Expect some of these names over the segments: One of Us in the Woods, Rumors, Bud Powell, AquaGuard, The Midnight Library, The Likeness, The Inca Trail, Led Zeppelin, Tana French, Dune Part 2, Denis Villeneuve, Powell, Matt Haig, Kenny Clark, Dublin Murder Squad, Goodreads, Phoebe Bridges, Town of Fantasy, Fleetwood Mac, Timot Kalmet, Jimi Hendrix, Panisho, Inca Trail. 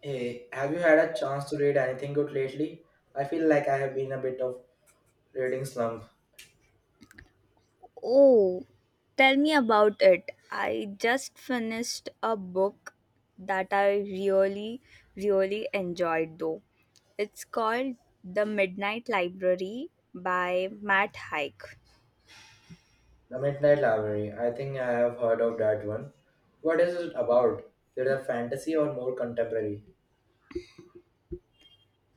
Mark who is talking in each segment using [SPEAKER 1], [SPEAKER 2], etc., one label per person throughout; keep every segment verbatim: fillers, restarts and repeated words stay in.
[SPEAKER 1] Hey, have you had a chance to read anything good lately? I feel like I have been a bit of reading slump.
[SPEAKER 2] Oh, tell me about it. I just finished a book that I really, really enjoyed though. It's called The Midnight Library by Matt Haig.
[SPEAKER 1] The Midnight Library. I think I have heard of that one. What is it about? Is it a fantasy or more contemporary?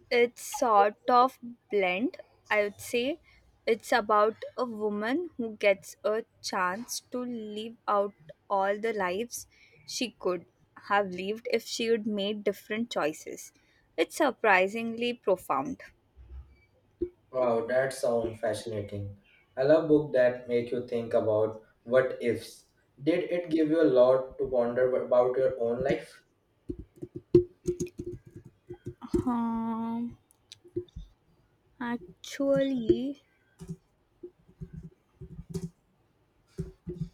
[SPEAKER 2] It's sort of blend, I would say. It's about a woman who gets a chance to live out all the lives she could have lived if she had made different choices. It's surprisingly profound.
[SPEAKER 1] Wow, that sounds fascinating. I love books that make you think about what ifs. Did it give you a lot to ponder about your own life?
[SPEAKER 2] Um, actually,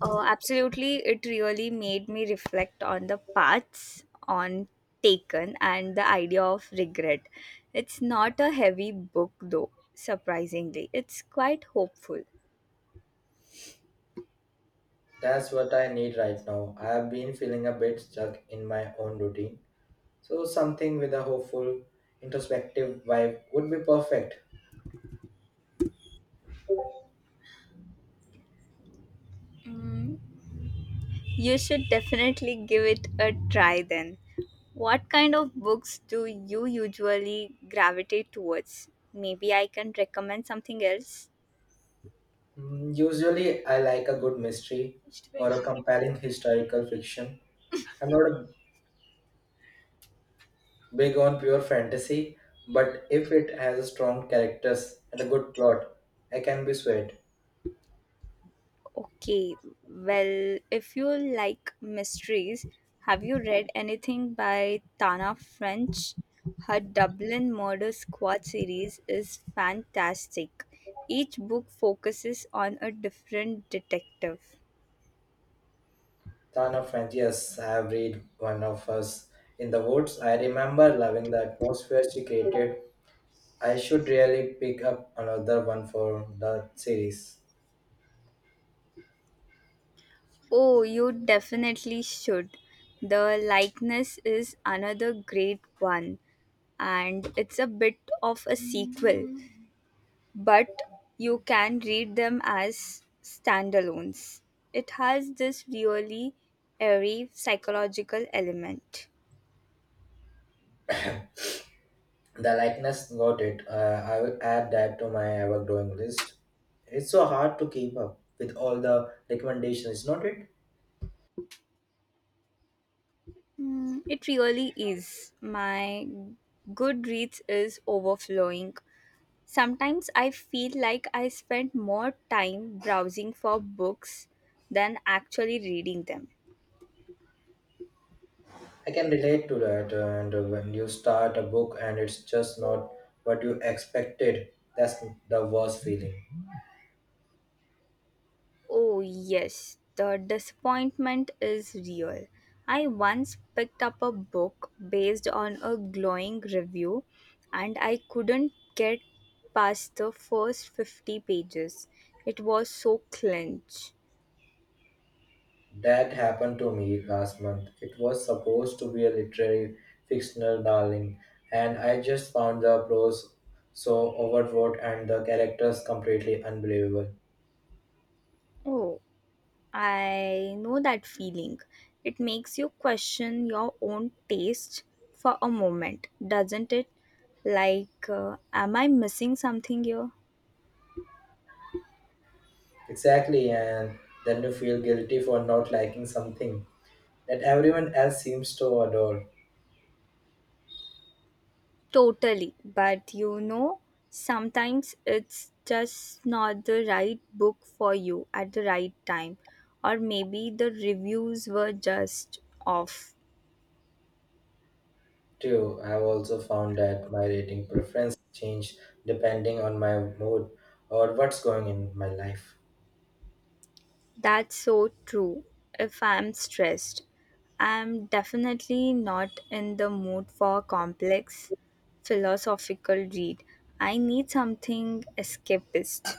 [SPEAKER 2] uh, absolutely, it really made me reflect on the paths on taken and the idea of regret. It's not a heavy book though, surprisingly. It's quite hopeful.
[SPEAKER 1] That's what I need right now. I have been feeling a bit stuck in my own routine. So something with a hopeful, introspective vibe would be perfect.
[SPEAKER 2] Mm, you should definitely give it a try then. What kind of books do you usually gravitate towards? Maybe I can recommend something else.
[SPEAKER 1] Mm, usually, I like a good mystery or a compelling historical fiction. I'm not big on pure fantasy, but if it has a strong characters and a good plot, I can be swayed.
[SPEAKER 2] Okay, well, if you like mysteries, have you read anything by Tana French? Her Dublin Murder Squad series is fantastic. Each book focuses on a different detective.
[SPEAKER 1] Town of Fantasy, yes, I have read one of us in the woods. I remember loving the atmosphere she created. I should really pick up another one for the series.
[SPEAKER 2] Oh, you definitely should. The likeness is another great one, and it's a bit of a sequel, but you can read them as standalones. It has this really airy psychological element.
[SPEAKER 1] The likeness, got it. Uh, I will add that to my ever growing list. It's so hard to keep up with all the recommendations, not it?
[SPEAKER 2] Mm, it really is. My Goodreads is overflowing. Sometimes I feel like I spend more time browsing for books than actually reading them.
[SPEAKER 1] I can relate to that. uh, And uh, when you start a book and it's just not what you expected, that's the worst feeling.
[SPEAKER 2] Oh, yes, the disappointment is real. I once picked up a book based on a glowing review and I couldn't get past the first fifty pages. It was so clench.
[SPEAKER 1] That happened to me last month. It was supposed to be a literary fictional darling, and I just found the prose so overwrought and the characters completely unbelievable.
[SPEAKER 2] Oh, I know that feeling. It makes you question your own taste for a moment, doesn't it? Like, uh, am I missing something here?
[SPEAKER 1] Exactly, and then you feel guilty for not liking something that everyone else seems to adore.
[SPEAKER 2] Totally. But you know, sometimes it's just not the right book for you at the right time. Or maybe the reviews were just off.
[SPEAKER 1] Too, I've also found that my rating preference change depending on my mood or what's going in my life.
[SPEAKER 2] That's so true. If I'm stressed, I'm definitely not in the mood for a complex philosophical read. I need something escapist.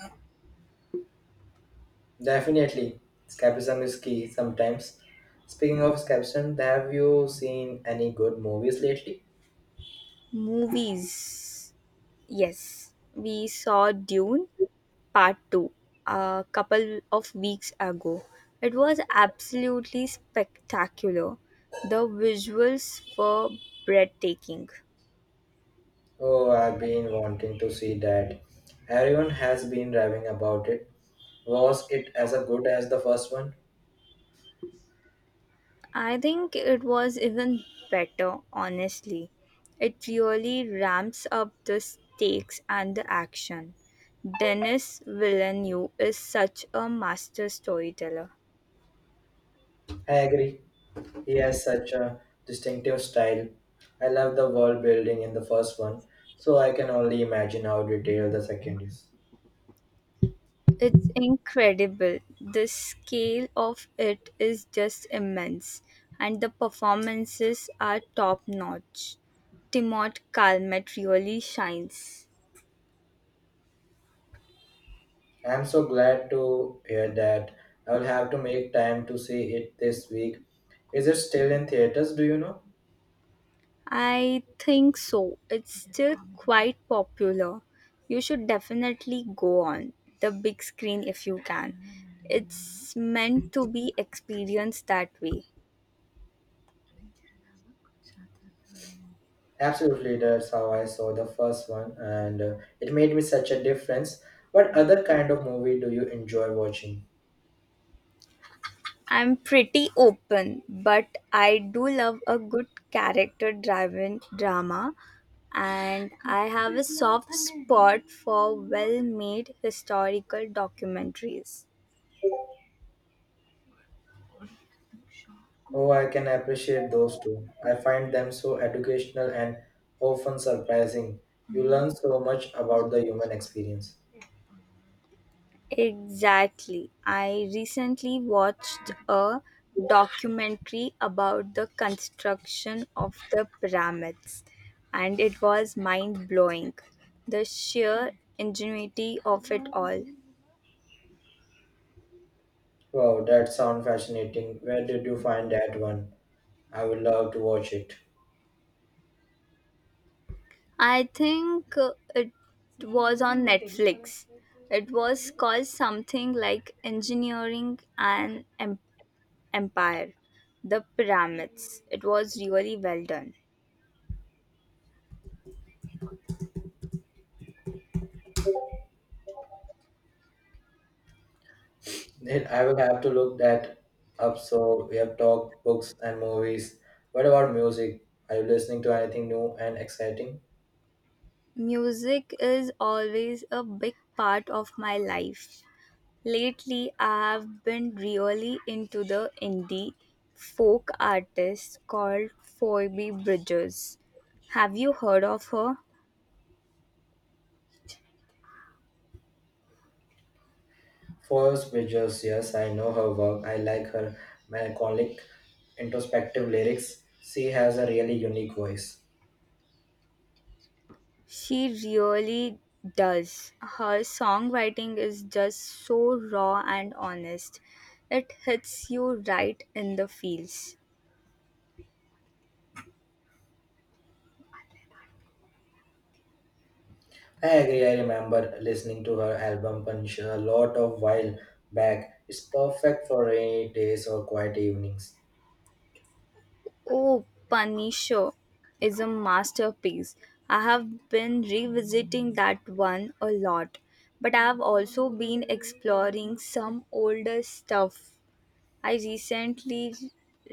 [SPEAKER 1] Definitely, escapism is key sometimes. Speaking of escapism, have you seen any good movies lately?
[SPEAKER 2] Movies. Yes. We saw Dune Part two a couple of weeks ago. It was absolutely spectacular. The visuals were breathtaking.
[SPEAKER 1] Oh, I've been wanting to see that. Everyone has been raving about it. Was it as good as the first one?
[SPEAKER 2] I think it was even better, honestly. It really ramps up the stakes and the action. Denis Villeneuve is such a master storyteller.
[SPEAKER 1] I agree. He has such a distinctive style. I love the world building in the first one, so I can only imagine how detailed the second is.
[SPEAKER 2] It's incredible. The scale of it is just immense, and the performances are top notch. Timot Kalmet really shines.
[SPEAKER 1] I am so glad to hear that. I will have to make time to see it this week. Is it still in theaters? Do you know?
[SPEAKER 2] I think so. It's still quite popular. You should definitely go on the big screen if you can. It's meant to be experienced that way.
[SPEAKER 1] Absolutely, that's how I saw the first one, and uh, it made me such a difference. What other kind of movie do you enjoy watching?
[SPEAKER 2] I'm pretty open, but I do love a good character driven drama, and I have a soft spot for well made historical documentaries.
[SPEAKER 1] Oh, I can appreciate those too. I find them so educational and often surprising. You learn so much about the human experience.
[SPEAKER 2] Exactly. I recently watched a documentary about the construction of the pyramids, and it was mind blowing. The sheer ingenuity of it all.
[SPEAKER 1] Wow, that sounds fascinating. Where did you find that one? I would love to watch it.
[SPEAKER 2] I think uh, it was on Netflix. It was called something like Engineering and Em- Empire, The Pyramids. It was really well done.
[SPEAKER 1] Then I will have to look that up. So we have talked books and movies. What about music? Are you listening to anything new and exciting?
[SPEAKER 2] Music is always a big part of my life. Lately, I have been really into the indie folk artist called Phoebe Bridges. Have you heard of her?
[SPEAKER 1] First Bridges, yes, I know her work. I like her melancholic, introspective lyrics. She has a really unique voice.
[SPEAKER 2] She really does. Her songwriting is just so raw and honest. It hits you right in the feels.
[SPEAKER 1] I agree. I remember listening to her album Punch a lot of while back. It's perfect for rainy days or quiet evenings.
[SPEAKER 2] Oh, Panisho is a masterpiece. I have been revisiting that one a lot, but I have also been exploring some older stuff. I recently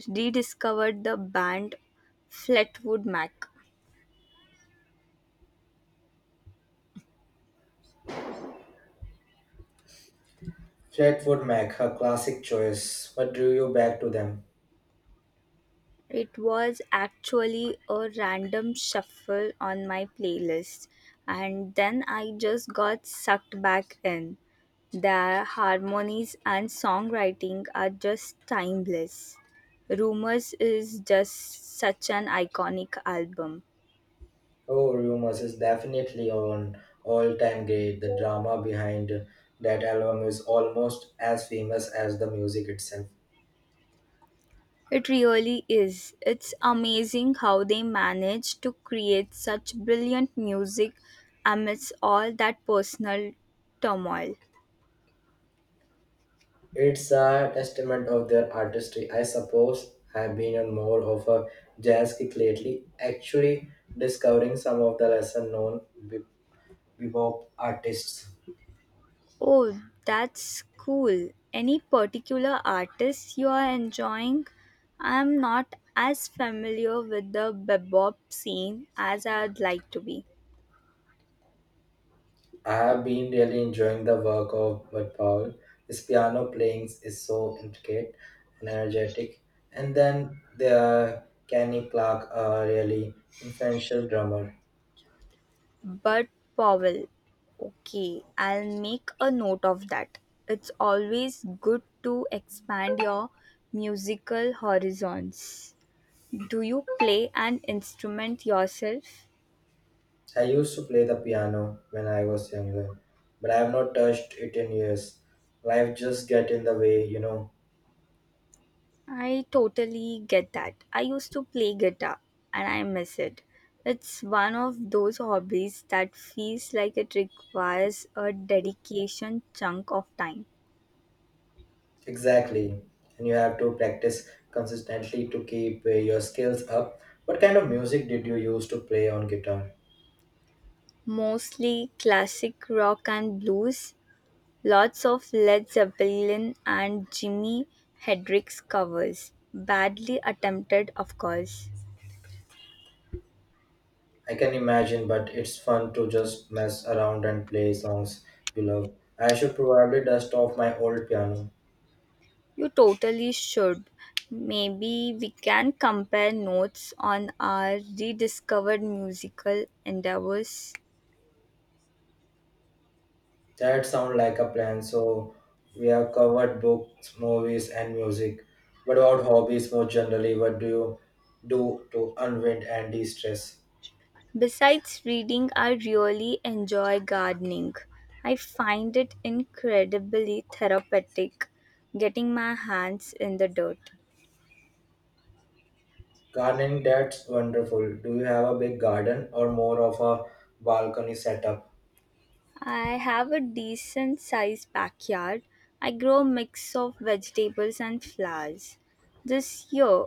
[SPEAKER 2] rediscovered the band Fleetwood Mac.
[SPEAKER 1] Fleetwood Mac, her classic choice. What drew you back to them?
[SPEAKER 2] It was actually a random shuffle on my playlist, and then I just got sucked back in. Their harmonies and songwriting are just timeless. Rumors is just such an iconic album.
[SPEAKER 1] Oh, Rumors is definitely on all-time great. The drama behind that album is almost as famous as the music itself.
[SPEAKER 2] It really is. It's amazing how they managed to create such brilliant music amidst all that personal turmoil.
[SPEAKER 1] It's a testament of their artistry. I suppose I've been on more of a jazz kick lately, actually discovering some of the lesser known be- bebop artists.
[SPEAKER 2] Oh, that's cool. Any particular artists you are enjoying? I'm not as familiar with the bebop scene as I'd like to be.
[SPEAKER 1] I have been really enjoying the work of Bud Powell. His piano playing is so intricate and energetic. And then there Kenny Clark, a really influential drummer.
[SPEAKER 2] But Powell, okay, I'll make a note of that. It's always good to expand your musical horizons. Do you play an instrument yourself?
[SPEAKER 1] I used to play the piano when I was younger, but I have not touched it in years. Life just get in the way, you know.
[SPEAKER 2] I totally get that. I used to play guitar and I miss it. It's one of those hobbies that feels like it requires a dedication chunk of time.
[SPEAKER 1] Exactly. And you have to practice consistently to keep uh, your skills up. What kind of music did you use to play on guitar?
[SPEAKER 2] Mostly classic rock and blues, lots of Led Zeppelin and Jimi Hendrix covers. Badly attempted, of course.
[SPEAKER 1] I can imagine, but it's fun to just mess around and play songs you love. I should probably dust off my old piano.
[SPEAKER 2] You totally should. Maybe we can compare notes on our rediscovered musical endeavors.
[SPEAKER 1] That sounds like a plan. So we have covered books, movies, and music. But about hobbies more generally, what do you do to unwind and de-stress?
[SPEAKER 2] Besides reading, I really enjoy gardening. I find it incredibly therapeutic getting my hands in the dirt.
[SPEAKER 1] Gardening, that's wonderful. Do you have a big garden or more of a balcony setup?
[SPEAKER 2] I have a decent sized backyard. I grow a mix of vegetables and flowers. This year,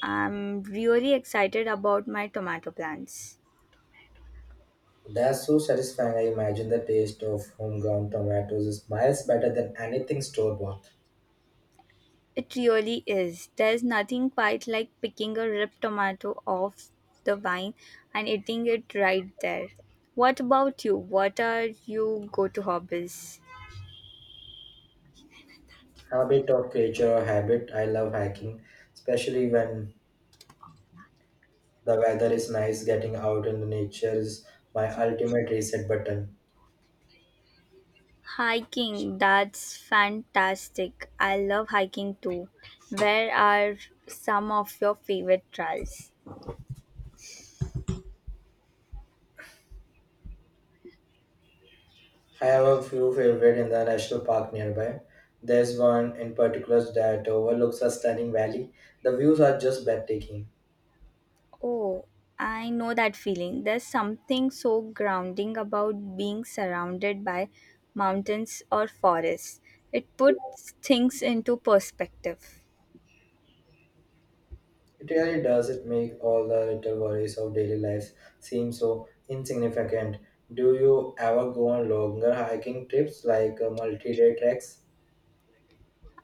[SPEAKER 2] I'm really excited about my tomato plants.
[SPEAKER 1] That's so satisfying. I imagine the taste of homegrown tomatoes is miles better than anything store-bought.
[SPEAKER 2] It really is. There's nothing quite like picking a ripe tomato off the vine and eating it right there. What about you? What are your go to hobbies?
[SPEAKER 1] Habit of creature or habit. I love hiking, especially when the weather is nice, getting out in the nature is my ultimate reset button.
[SPEAKER 2] Hiking, that's fantastic. I love hiking too. Where are some of your favorite trails?
[SPEAKER 1] I have a few favorite in the national park nearby. There's one in particular that overlooks a stunning valley. The views are just breathtaking.
[SPEAKER 2] Oh, I know that feeling. There's something so grounding about being surrounded by mountains or forests. It puts things into perspective.
[SPEAKER 1] It really does it make all the little worries of daily life seem so insignificant. Do you ever go on longer hiking trips like uh, multi-day treks?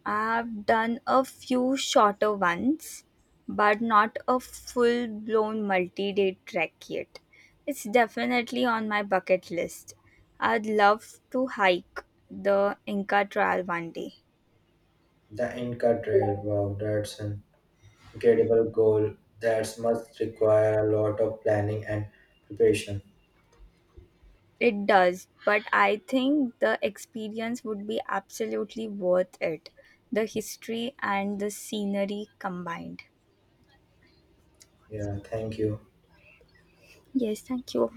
[SPEAKER 2] I've done a few shorter ones, but not a full blown multi day trek yet. It's definitely on my bucket list. I'd love to hike the Inca Trail one day.
[SPEAKER 1] The Inca Trail, wow, that's an incredible goal that must require a lot of planning and preparation.
[SPEAKER 2] It does, but I think the experience would be absolutely worth it. The history and the scenery combined.
[SPEAKER 1] Yeah, thank you.
[SPEAKER 2] Yes, thank you.